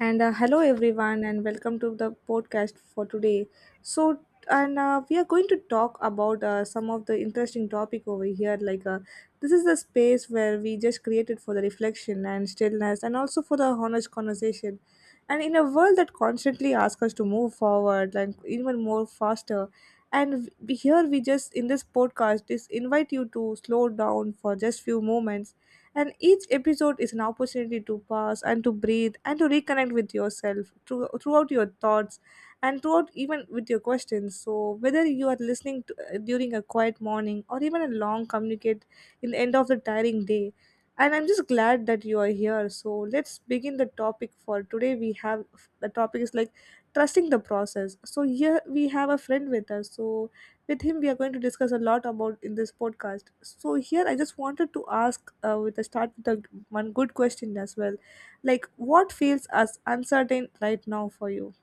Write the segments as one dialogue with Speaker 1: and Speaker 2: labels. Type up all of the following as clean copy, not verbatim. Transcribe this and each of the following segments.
Speaker 1: And hello, everyone, and welcome to the podcast for today. So, and we are going to talk about some of the interesting topic over here. This is the space where we just created for the reflection and stillness, and also for the honest conversation. And in a world that constantly asks us to move forward, like even more faster, and here we just in this podcast is invite you to slow down for just few moments, and each episode is an opportunity to pause and to breathe and to reconnect with yourself throughout your thoughts and throughout even with your questions. So whether you are listening during a quiet morning or even a long communicate in the end of the tiring day, and I'm just glad that you are here. So let's begin the topic for today. We have, the topic is like trusting the process. So here we have a friend with us, so with him we are going to discuss a lot about in this podcast. So here I just wanted to ask with a start with a, one good question as well, like what feels as uncertain right now for you.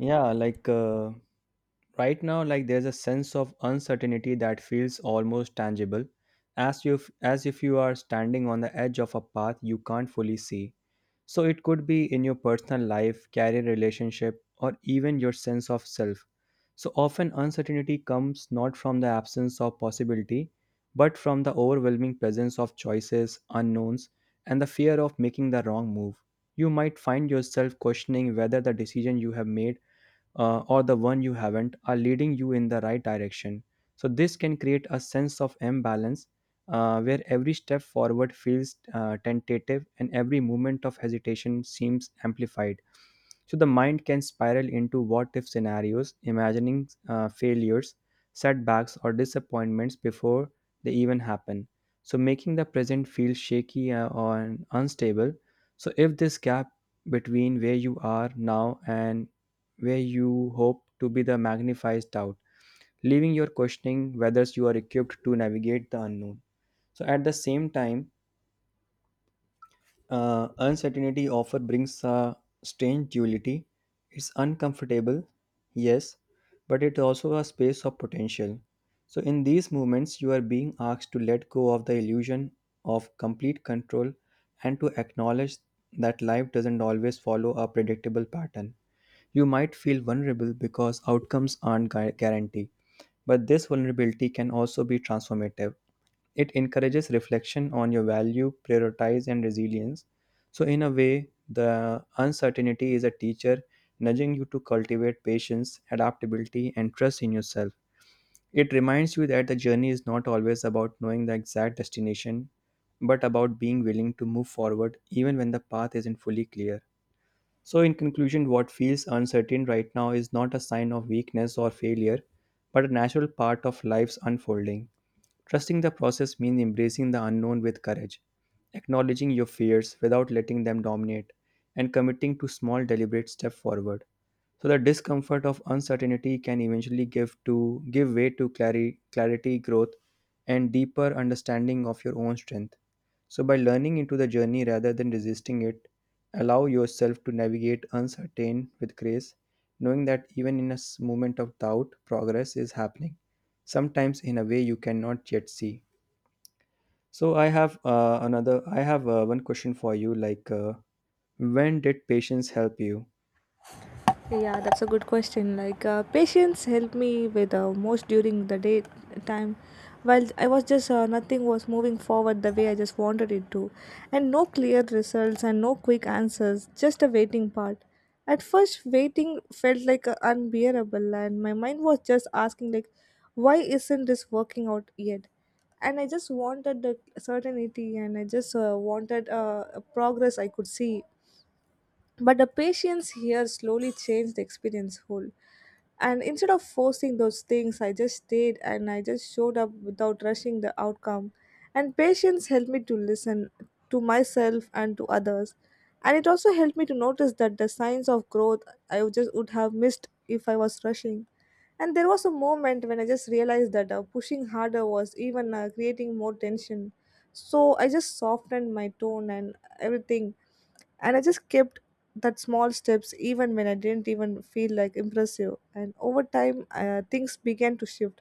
Speaker 2: Yeah, like right now, like there's a sense of uncertainty that feels almost tangible, as you as if you are standing on the edge of a path you can't fully see. So it could be in your personal life, career relationship, or even your sense of self. So often uncertainty comes not from the absence of possibility, but from the overwhelming presence of choices, unknowns, and the fear of making the wrong move. You might find yourself questioning whether the decision you have made or the one you haven't are leading you in the right direction. So this can create a sense of imbalance where every step forward feels tentative and every moment of hesitation seems amplified. So the mind can spiral into what if scenarios, imagining failures, setbacks, or disappointments before they even happen. So making the present feel shaky or unstable. So if this gap between where you are now and where you hope to be the magnifies doubt, leaving your questioning whether you are equipped to navigate the unknown. So at the same time, uncertainty often brings a strange duality. It's uncomfortable, yes, but it's also a space of potential. So in these moments, you are being asked to let go of the illusion of complete control and to acknowledge that life doesn't always follow a predictable pattern. You might feel vulnerable because outcomes aren't guaranteed. But this vulnerability can also be transformative. It encourages reflection on your value, prioritize, and resilience. So in a way, the uncertainty is a teacher nudging you to cultivate patience, adaptability, and trust in yourself. It reminds you that the journey is not always about knowing the exact destination, but about being willing to move forward even when the path isn't fully clear. So, in conclusion, what feels uncertain right now is not a sign of weakness or failure, but a natural part of life's unfolding. Trusting the process means embracing the unknown with courage, acknowledging your fears without letting them dominate, and committing to small deliberate steps forward. So the discomfort of uncertainty can eventually give to give way to clarity, growth, and deeper understanding of your own strength. So by learning into the journey rather than resisting it, allow yourself to navigate uncertain with grace, knowing that even in a moment of doubt, progress is happening, sometimes in a way you cannot yet see. So I have one question for you, like, when did patience help you?
Speaker 1: Yeah, that's a good question. Patience helped me with most during the day time. While I was just nothing was moving forward the way I just wanted it to, and no clear results and no quick answers, just a waiting part. At first, waiting felt like unbearable, and my mind was just asking like, why isn't this working out yet? And I just wanted the certainty, and I just wanted a progress I could see, but the patience here slowly changed the experience whole. And instead of forcing those things, I just stayed and I just showed up without rushing the outcome. And patience helped me to listen to myself and to others. And it also helped me to notice that the signs of growth I would just would have missed if I was rushing. And there was a moment when I just realized that pushing harder was even creating more tension. So I just softened my tone and everything, and I just kept that small steps even when I didn't even feel like impressive. And over time, things began to shift.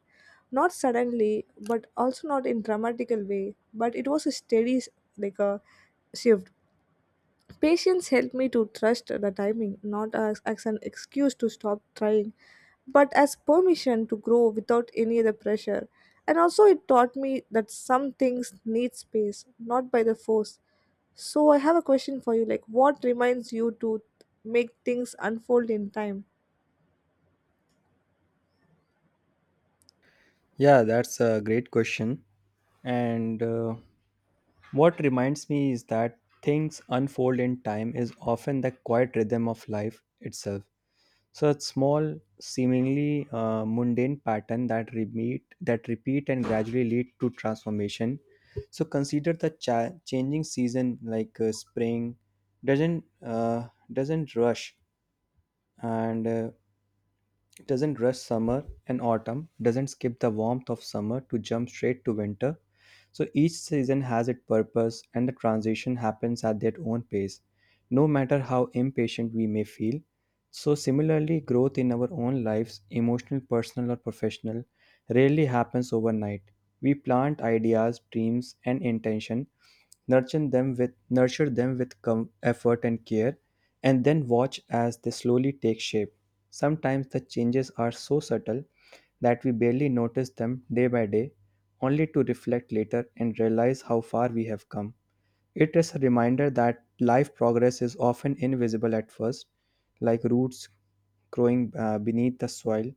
Speaker 1: Not suddenly, but also not in dramatical way, but it was a steady, like a shift. Patience helped me to trust the timing, not as an excuse to stop trying, but as permission to grow without any other pressure. And also, it taught me that some things need space, not by the force. So, I have a question for you like, what reminds you to make things unfold in time?
Speaker 2: Yeah, that's a great question. And what reminds me is that things unfold in time is often the quiet rhythm of life itself. Such small, seemingly mundane pattern that repeat and gradually lead to transformation. So consider the changing season like spring doesn't rush and doesn't rush summer and autumn, doesn't skip the warmth of summer to jump straight to winter. So each season has its purpose and the transition happens at their own pace, no matter how impatient we may feel. So, similarly, growth in our own lives, emotional, personal, or professional, rarely happens overnight. We plant ideas, dreams, and intention, nurture them with nurture them with effort and care and then watch as they slowly take shape. Sometimes the changes are so subtle that we barely notice them day by day, only to reflect later and realize how far we have come. It is a reminder that life progress is often invisible at first, like roots growing beneath the soil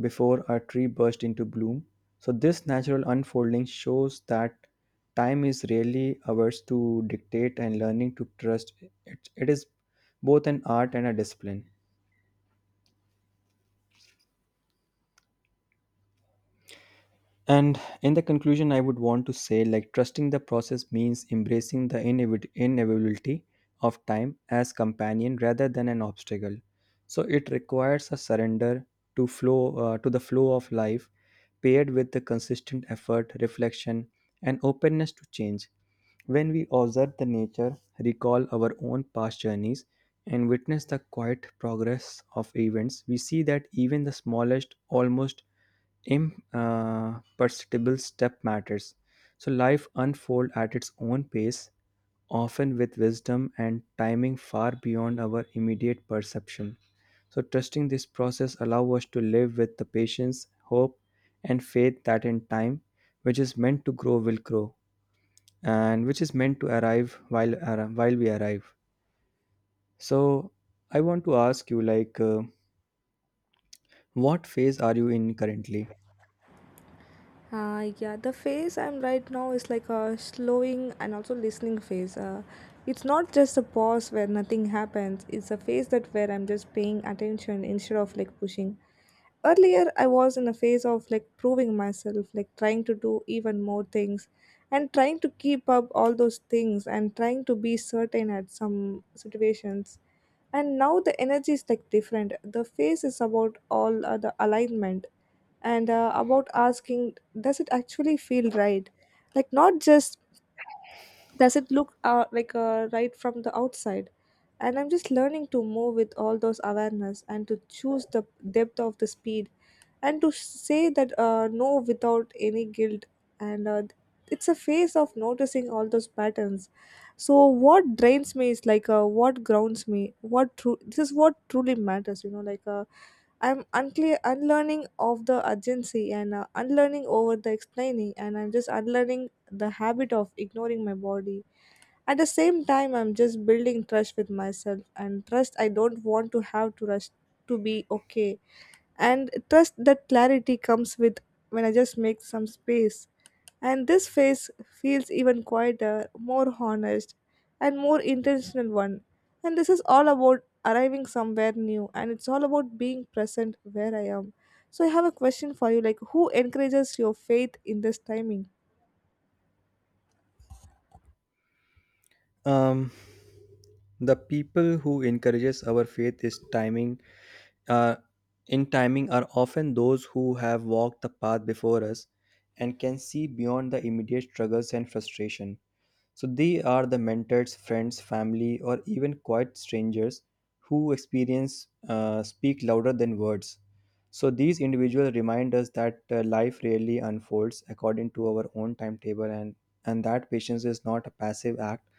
Speaker 2: before a tree burst into bloom. So this natural unfolding shows that time is rarely ours to dictate and learning to trust it is both an art and a discipline. And in the conclusion, I would want to say like trusting the process means embracing the inevitability of time as companion rather than an obstacle. So it requires a surrender to the flow of life, paired with the consistent effort, reflection, and openness to change. When we observe the nature, recall our own past journeys, and witness the quiet progress of events, we see that even the smallest, almost imperceptible step matters. So life unfolds at its own pace, often with wisdom and timing far beyond our immediate perception. So trusting this process allow us to live with the patience, hope, and faith that in time, which is meant to grow, will grow, and which is meant to arrive while we arrive. So I want to ask you, like, what phase are you in currently?
Speaker 1: Yeah, the phase I'm right now is like a slowing and also listening phase. It's not just a pause where nothing happens. It's a phase that where I'm just paying attention instead of like pushing. Earlier, I was in a phase of like proving myself, like trying to do even more things, and trying to keep up all those things, and trying to be certain at some situations. And now the energy is like different. The phase is about all the alignment, and about asking does it actually feel right, like not just does it look right from the outside. And I'm just learning to move with all those awareness and to choose the depth of the speed, and to say that no without any guilt. And it's a phase of noticing all those patterns. So what drains me is like what grounds me, what true this is, what truly matters, you know, like I'm unclear unlearning of the urgency, and unlearning over the explaining, and I'm just unlearning the habit of ignoring my body. At the same time, I'm just building trust with myself, and trust I don't want to have to rush to be okay. And trust that clarity comes with when I just make some space. And this phase feels even quieter, more honest, and more intentional one. And this is all about arriving somewhere new, and it's all about being present where I am. So I have a question for you like who encourages your faith in this timing?
Speaker 2: Um, the people who encourages our faith is timing uh, in timing are often those who have walked the path before us and can see beyond the immediate struggles and frustration. So they are the mentors, friends, family, or even quiet strangers who experience speak louder than words. So these individuals remind us that life really unfolds according to our own timetable and that patience is not a passive act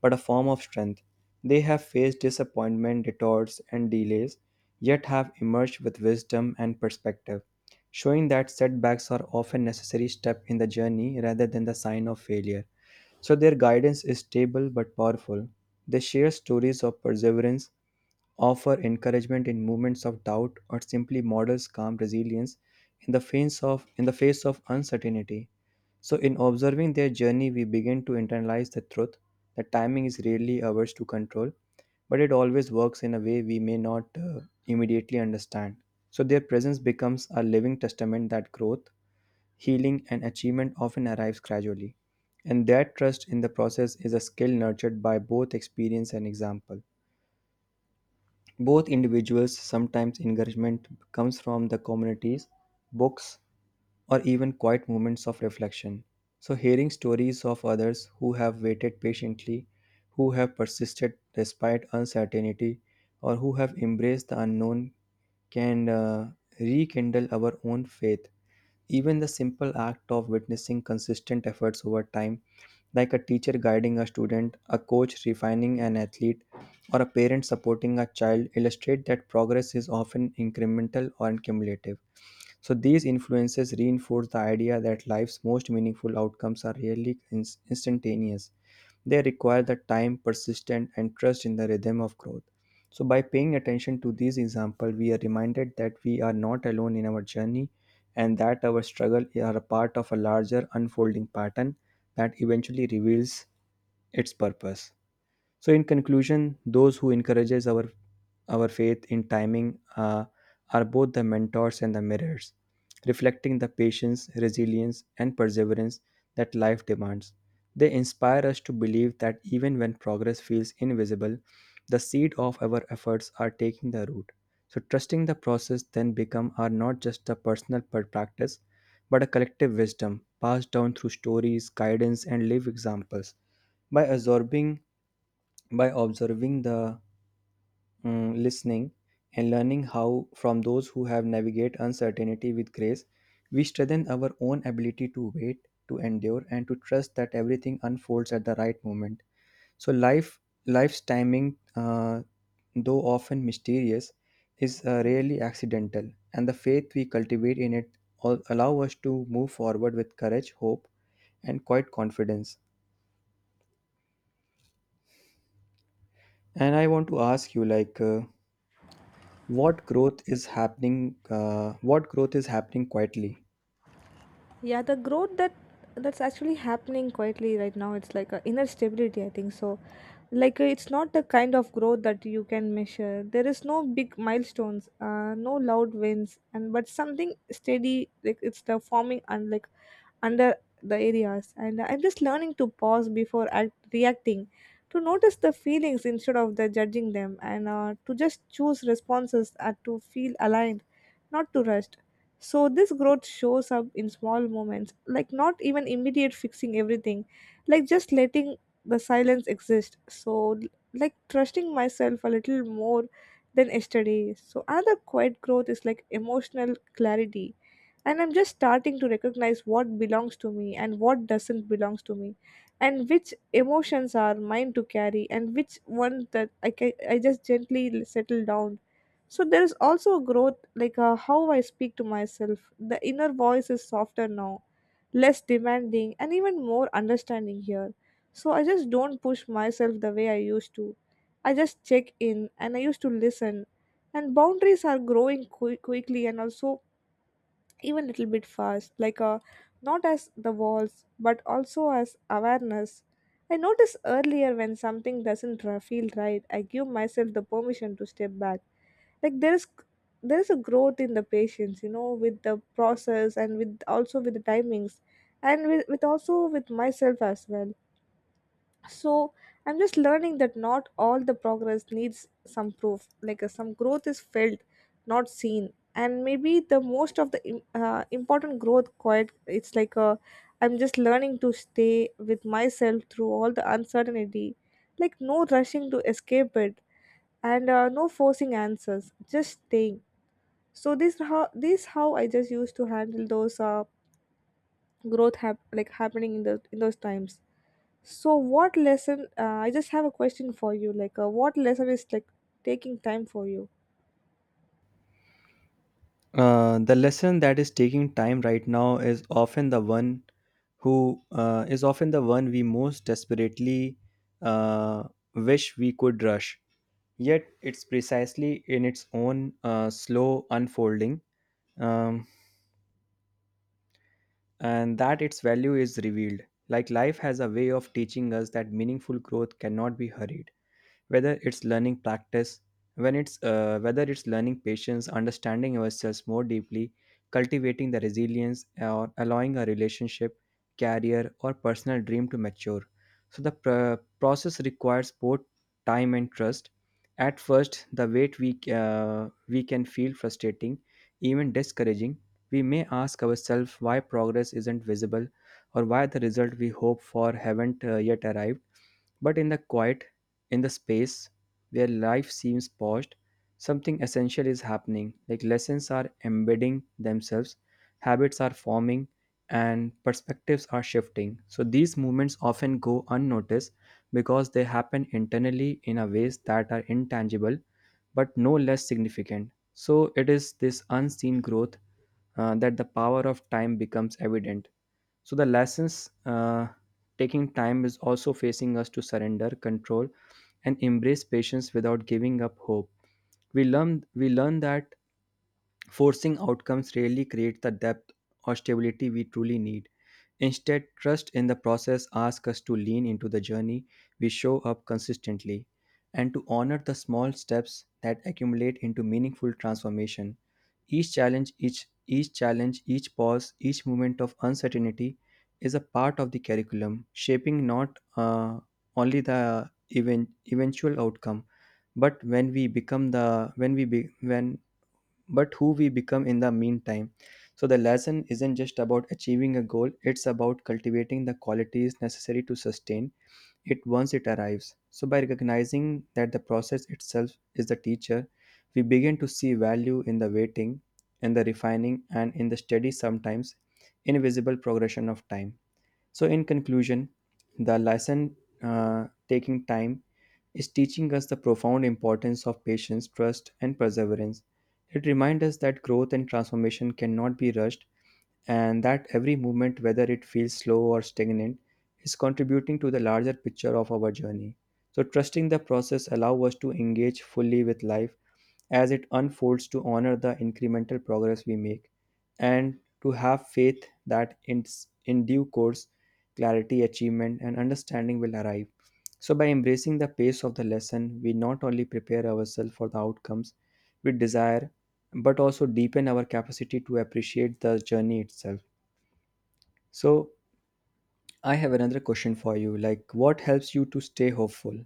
Speaker 2: but a form of strength. They have faced disappointment, detours, and delays, yet have emerged with wisdom and perspective, showing that setbacks are often necessary step in the journey rather than the sign of failure. So their guidance is stable but powerful. They share stories of perseverance, offer encouragement in moments of doubt, or simply models calm resilience in the face of uncertainty. So in observing their journey, we begin to internalize the truth that timing is rarely ours to control, but it always works in a way we may not immediately understand. So their presence becomes a living testament that growth, healing and achievement often arrives gradually, and that trust in the process is a skill nurtured by both experience and example. Both individuals sometimes encouragement comes from the communities, books, or even quiet moments of reflection. So, hearing stories of others who have waited patiently, who have persisted despite uncertainty, or who have embraced the unknown can rekindle our own faith. Even the simple act of witnessing consistent efforts over time, like a teacher guiding a student, a coach refining an athlete, or a parent supporting a child, illustrate that progress is often incremental or cumulative. So these influences reinforce the idea that life's most meaningful outcomes are rarely instantaneous. They require the time, persistence, and trust in the rhythm of growth. So by paying attention to these examples, we are reminded that we are not alone in our journey and that our struggles are a part of a larger unfolding pattern that eventually reveals its purpose. So, in conclusion, those who encourages our faith in timing uh, are both the mentors and the mirrors, reflecting the patience, resilience, and perseverance that life demands. They inspire us to believe that even when progress feels invisible, the seed of our efforts are taking the root. So trusting the process then become are not just a personal practice, but a collective wisdom passed down through stories, guidance, and live examples. By absorbing by observing the mm, listening and learning how from those who have navigate uncertainty with grace, we strengthen our own ability to wait, to endure and to trust that everything unfolds at the right moment. so life Life's timing, though often mysterious, is rarely accidental, and the faith we cultivate in it all allow us to move forward with courage, hope, and quite confidence. And I want to ask you, like, what growth is happening quietly?
Speaker 1: Yeah, the growth that's actually happening quietly right now, it's like a inner stability, I think so. Like it's not the kind of growth that you can measure. There is no big milestones, no loud wins, and but something steady, like it's the forming and like under the areas. And I'm just learning to pause before reacting, to notice the feelings instead of the judging them, and to just choose responses and to feel aligned, not to rush. So this growth shows up in small moments, like not even immediate fixing everything, like just letting the silence exist. So like trusting myself a little more than yesterday. So another quiet growth is like emotional clarity, and I'm just starting to recognize what belongs to me and what doesn't belongs to me, and which emotions are mine to carry and which one that I just gently settle down. So there is also a growth like how I speak to myself. The inner voice is softer now, less demanding and even more understanding here. So I just don't push myself the way I used to. I just check in and I used to listen. And boundaries are growing quickly, and also even little bit fast, like a, not as the walls but also as awareness. I notice earlier when something doesn't feel right, I give myself the permission to step back. like there is there is a growth in the patience, you know, with the process and with also with the timings, and with also with myself as well. So I'm just learning that not all the progress needs some proof. Like some growth is felt, not seen. And maybe the most of the important growth quite, it's like a, I'm just learning to stay with myself through all the uncertainty, like no rushing to escape it, and no forcing answers, just staying. So this how I just used to handle those growth like happening in the in those times. So what lesson, I just have a question for you, like what lesson is like taking time for you?
Speaker 2: Uh, the lesson that is taking time right now is often the one who is often the one we most desperately uh, wish we could rush, yet it's precisely in its own slow unfolding, um, and that its value is revealed. Like life has a way of teaching us that meaningful growth cannot be hurried, whether it's learning practice when it's whether it's learning patience, understanding ourselves more deeply, cultivating the resilience or allowing a relationship, career or personal dream to mature. So the process requires both time and trust. At first the wait we can feel frustrating, even discouraging. We may ask ourselves why progress isn't visible or why the result we hope for haven't yet arrived. But in the quiet, in the space where life seems paused, something essential is happening. Like lessons are embedding themselves, habits are forming, and perspectives are shifting. So these movements often go unnoticed because they happen internally in a ways that are intangible but no less significant. So it is this unseen growth that the power of time becomes evident. So the lessons, taking time is also facing us to surrender control and embrace patience without giving up hope. We learn that forcing outcomes rarely create the depth or stability we truly need. Instead, trust in the process asks us to lean into the journey, we show up consistently, and to honor the small steps that accumulate into meaningful transformation. Each challenge, each challenge, each pause, each moment of uncertainty is a part of the curriculum, shaping not only the eventual outcome, but when we become the when we be, when but who we become in the meantime. So, the lesson isn't just about achieving a goal, it's about cultivating the qualities necessary to sustain it once it arrives. So, by recognizing that the process itself is the teacher, we begin to see value in the waiting, in the refining, and in the steady, sometimes invisible progression of time. So, in conclusion, the lesson taking time is teaching us the profound importance of patience, trust, and perseverance. It reminds us that growth and transformation cannot be rushed, and that every movement, whether it feels slow or stagnant, is contributing to the larger picture of our journey. So, trusting the process allows us to engage fully with life as it unfolds to honor the incremental progress we make and to have faith that in due course, clarity, achievement, and understanding will arrive. So, by embracing the pace of the lesson, we not only prepare ourselves for the outcomes we desire, but also deepen our capacity to appreciate the journey itself. So, I have another question for you. Like, what helps you to stay hopeful?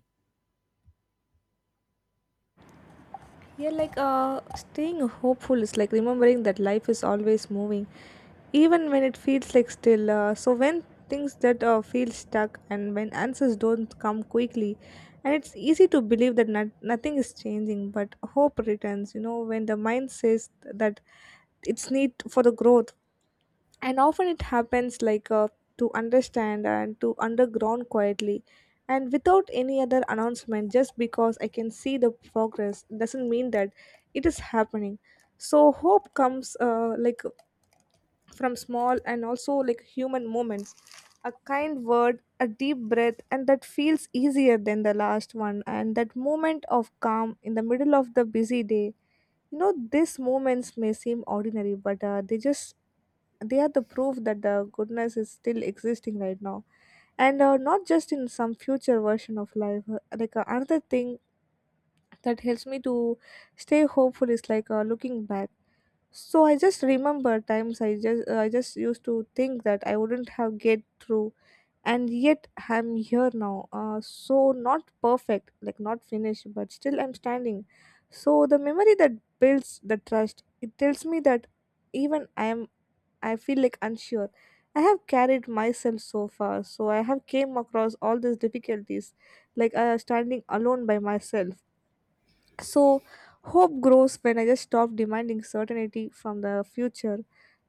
Speaker 1: Yeah, like uh, staying hopeful is like remembering that life is always moving even when it feels like still. So when things that feel stuck and when answers don't come quickly, and it's easy to believe that nothing is changing, but hope returns, you know, when the mind says that it's need for the growth. And often it happens like to understand and to underground quietly, and without any other announcement, just because I can see the progress doesn't mean that it is happening. So hope comes like from small and also like human moments, a kind word, a deep breath and that feels easier than the last one, and that moment of calm in the middle of the busy day. You know, these moments may seem ordinary, but they just, they are the proof that the goodness is still existing right now, and not just in some future version of life. Another thing that helps me to stay hopeful is like looking back. So I just remember times I just used to think that I wouldn't have get through, and yet I'm here now, so not perfect, like not finished, but still I'm standing. So the memory that builds the trust, it tells me that even I am, I feel like unsure, I have carried myself so far, so I have came across all these difficulties, like standing alone by myself. So hope grows when I just stop demanding certainty from the future,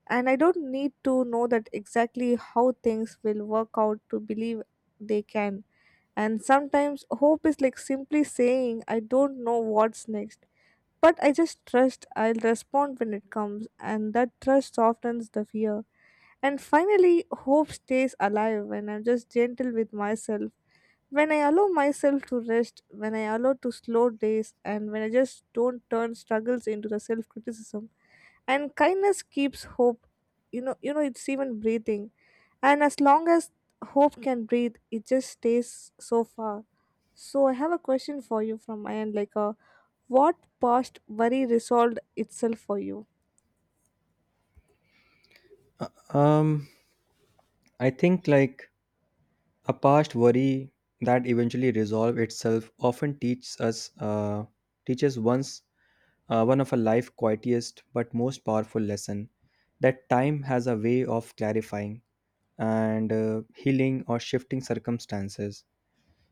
Speaker 1: and I don't need to know that exactly how things will work out to believe they can. And sometimes hope is like simply saying, I don't know what's next. But I just trust I'll respond when it comes, and that trust softens the fear. And finally, hope stays alive when I'm just gentle with myself, when I allow myself to rest, when I allow to slow days, and when I just don't turn struggles into the self criticism. And kindness keeps hope, you know, it's even breathing. And as long as hope can breathe, it just stays so far. So I have a question for you from my end, like, what past worry resolved itself for you?
Speaker 2: Uh, Um, I think like a past worry that eventually resolve itself often teaches us teaches once one of a life quietest but most powerful lesson that time has a way of clarifying and healing or shifting circumstances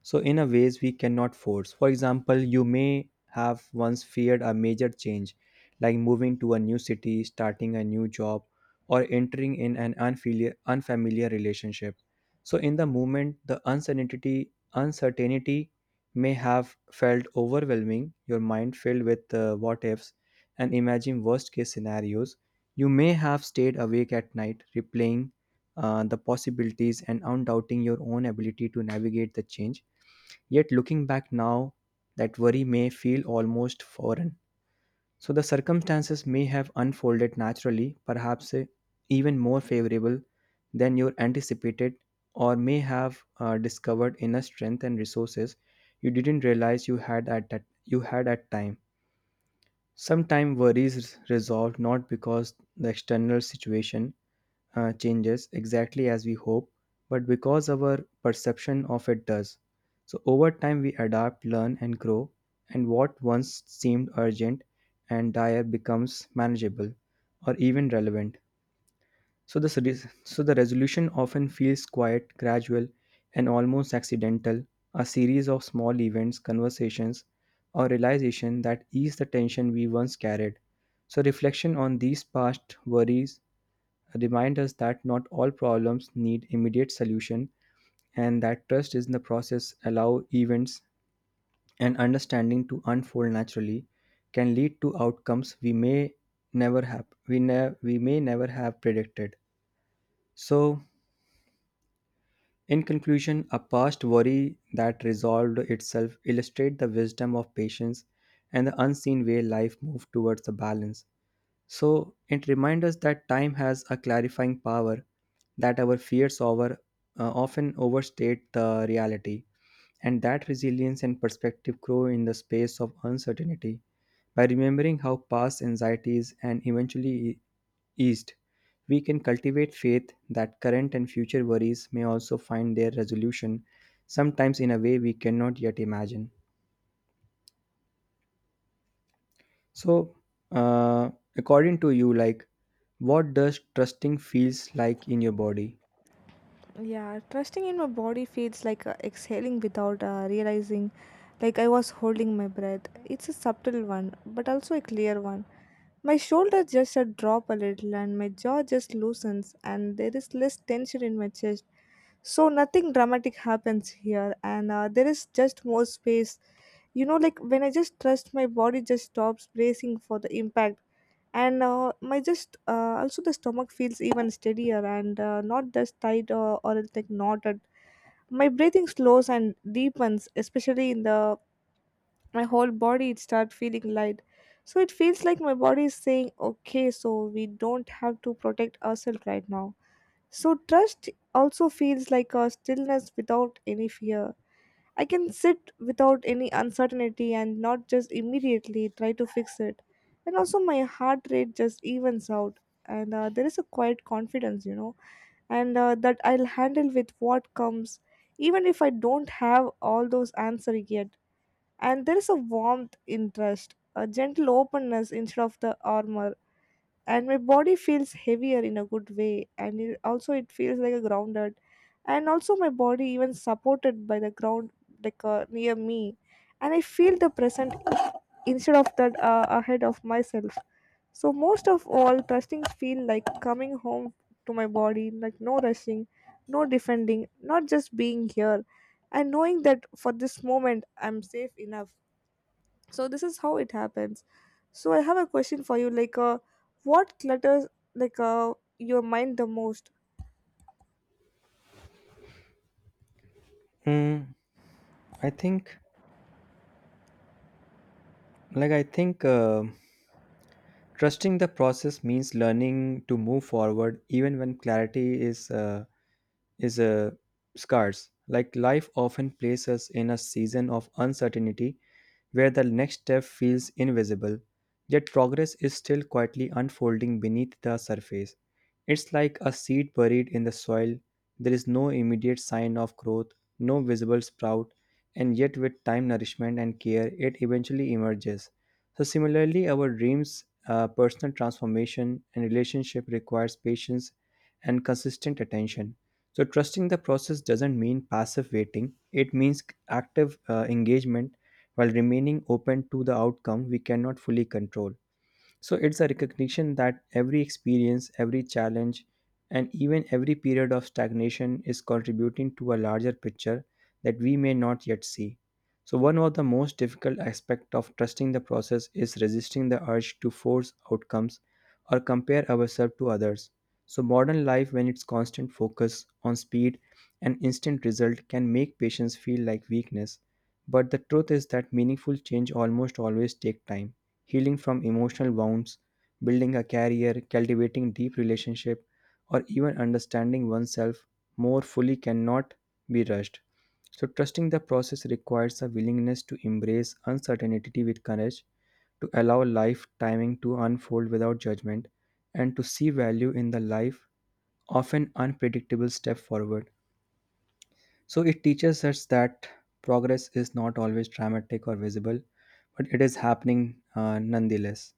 Speaker 2: so, in a ways we cannot force. For example, you may have once feared a major change, like moving to a new city, starting a new job, or entering in an unfamiliar relationship. So, in the moment, the uncertainty may have felt overwhelming. Your mind filled with what ifs and imagine worst case scenarios. You may have stayed awake at night, replaying the possibilities and undoubting your own ability to navigate the change. Yet looking back now, that worry may feel almost foreign. So the circumstances may have unfolded naturally, perhaps even more favorable than you anticipated, or may have discovered inner strength and resources you didn't realize you had at time. Sometimes worries resolve not because the external situation changes exactly as we hope, but because our perception of it does. So, over time, we adapt, learn, and grow, and what once seemed urgent and dire becomes manageable or even relevant. So, the resolution often feels quiet, gradual, and almost accidental, a series of small events, conversations, or realization that ease the tension we once carried. So, reflection on these past worries remind us that not all problems need immediate solution and that trust is in the process allow events and understanding to unfold naturally can lead to outcomes we may never have predicted. So in conclusion, a past worry that resolved itself illustrate the wisdom of patience and the unseen way life moves towards the balance. So it reminds us that time has a clarifying power, that our fears over often overstate the reality, and that resilience and perspective grow in the space of uncertainty. By remembering how past anxieties and eventually eased, we can cultivate faith that current and future worries may also find their resolution, sometimes in a way we cannot yet imagine. So uh, according to you, like, what does trusting feels like in your body?
Speaker 1: Yeah, trusting in my body feels like exhaling without realizing, like I was holding my breath. It's a subtle one, but also a clear one. My shoulders just drop a little, and my jaw just loosens, and there is less tension in my chest. So nothing dramatic happens here, and there is just more space. You know, like when I just trust, my body just stops bracing for the impact, and my just also the stomach feels even steadier, and not just tight or it's like knotted. My breathing slows and deepens, especially in the, my whole body it start feeling light. So it feels like my body is saying, okay, so we don't have to protect ourselves right now. So trust also feels like a stillness without any fear. I can sit without any uncertainty and not just immediately try to fix it. And also, my heart rate just evens out, and there is a quiet confidence, you know, and that I'll handle with what comes, even if I don't have all those answers yet. And there is a warmth in trust, a gentle openness instead of the armor. And my body feels heavier in a good way, and it also it feels like a grounded, and also my body even supported by the ground, like near me, and I feel the present instead of that ahead of myself. So most of all, trusting feel like coming home to my body, like no rushing, no defending, not just being here and knowing that for this moment I'm safe enough. So this is how it happens. So I have a question for you like, what clutters, like your mind the most?
Speaker 2: Mm, I think, I think, trusting the process means learning to move forward even when clarity is is uh, scarce. Like life often places us in a season of uncertainty where the next step feels invisible, yet progress is still quietly unfolding beneath the surface. It's like a seed buried in the soil. There is no immediate sign of growth, no visible sprout, and yet with time, nourishment, and care, it eventually emerges. So, similarly, our dreams, personal transformation, and relationship requires patience and consistent attention. So, trusting the process doesn't mean passive waiting, it means active engagement while remaining open to the outcome we cannot fully control. So it's a recognition that every experience, every challenge, and even every period of stagnation is contributing to a larger picture that we may not yet see. So one of the most difficult aspects of trusting the process is resisting the urge to force outcomes or compare ourselves to others. So modern life when its constant focus on speed and instant result can make patients feel like weakness. But the truth is that meaningful change almost always take time. Healing from emotional wounds, building a career, cultivating deep relationship, or even understanding oneself more fully cannot be rushed. So trusting the process requires a willingness to embrace uncertainty with courage, to allow life timing to unfold without judgment, and to see value in the life often unpredictable step forward. So it teaches us that progress is not always dramatic or visible, but it is happening nonetheless.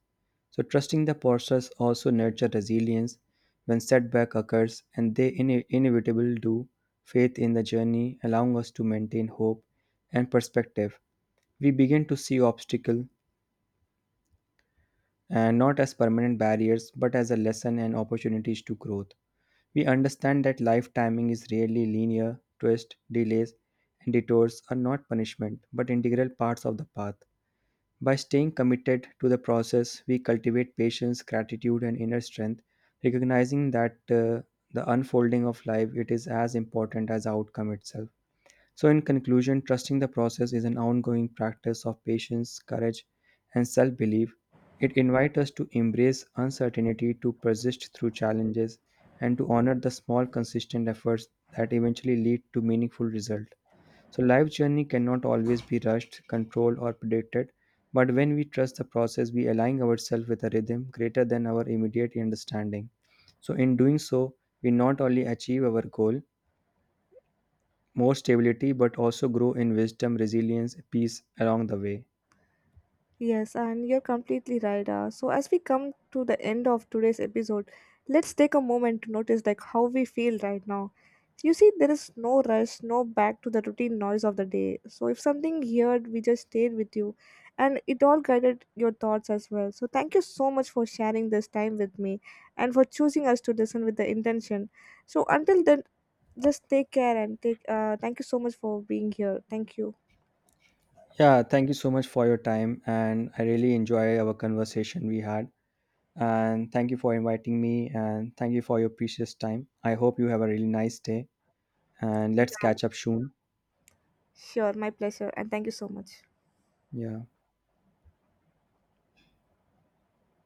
Speaker 2: So trusting the process also nurture resilience when setback occurs, and they inevitable do, faith in the journey allowing us to maintain hope and perspective. We begin to see obstacle and not as permanent barriers but as a lesson and opportunities to growth. We understand that life timing is rarely linear, twists, delays, and detours are not punishment but integral parts of the path. By staying committed to the process, we cultivate patience, gratitude, and inner strength, recognizing that the unfolding of life it is as important as the outcome itself. So, in conclusion, trusting the process is an ongoing practice of patience, courage, and self-belief. It invites us to embrace uncertainty, to persist through challenges, and to honor the small, consistent efforts that eventually lead to meaningful results. So, life journey cannot always be rushed, controlled, or predicted. But when we trust the process, we align ourselves with a rhythm greater than our immediate understanding. So, in doing so, we not only achieve our goal, more stability, but also grow in wisdom, resilience, peace along the way.
Speaker 1: Yes, and you're completely right. So as we come to the end of today's episode, let's take a moment to notice like how we feel right now. You see, there is no rush, no back to the routine noise of the day. So if something here, we just stayed with you, and it all guided your thoughts as well. So thank you so much for sharing this time with me, and for choosing us to listen with the intention. So until then, just take care and take. Thank you so much for being here. Thank you.
Speaker 2: Yeah, thank you so much for your time, and I really enjoy our conversation we had. And thank you for inviting me, and thank you for your precious time. I hope you have a really nice day, and let's
Speaker 1: Yeah,
Speaker 2: catch up soon.
Speaker 1: sure, my pleasure, and thank you so much.
Speaker 2: Yeah.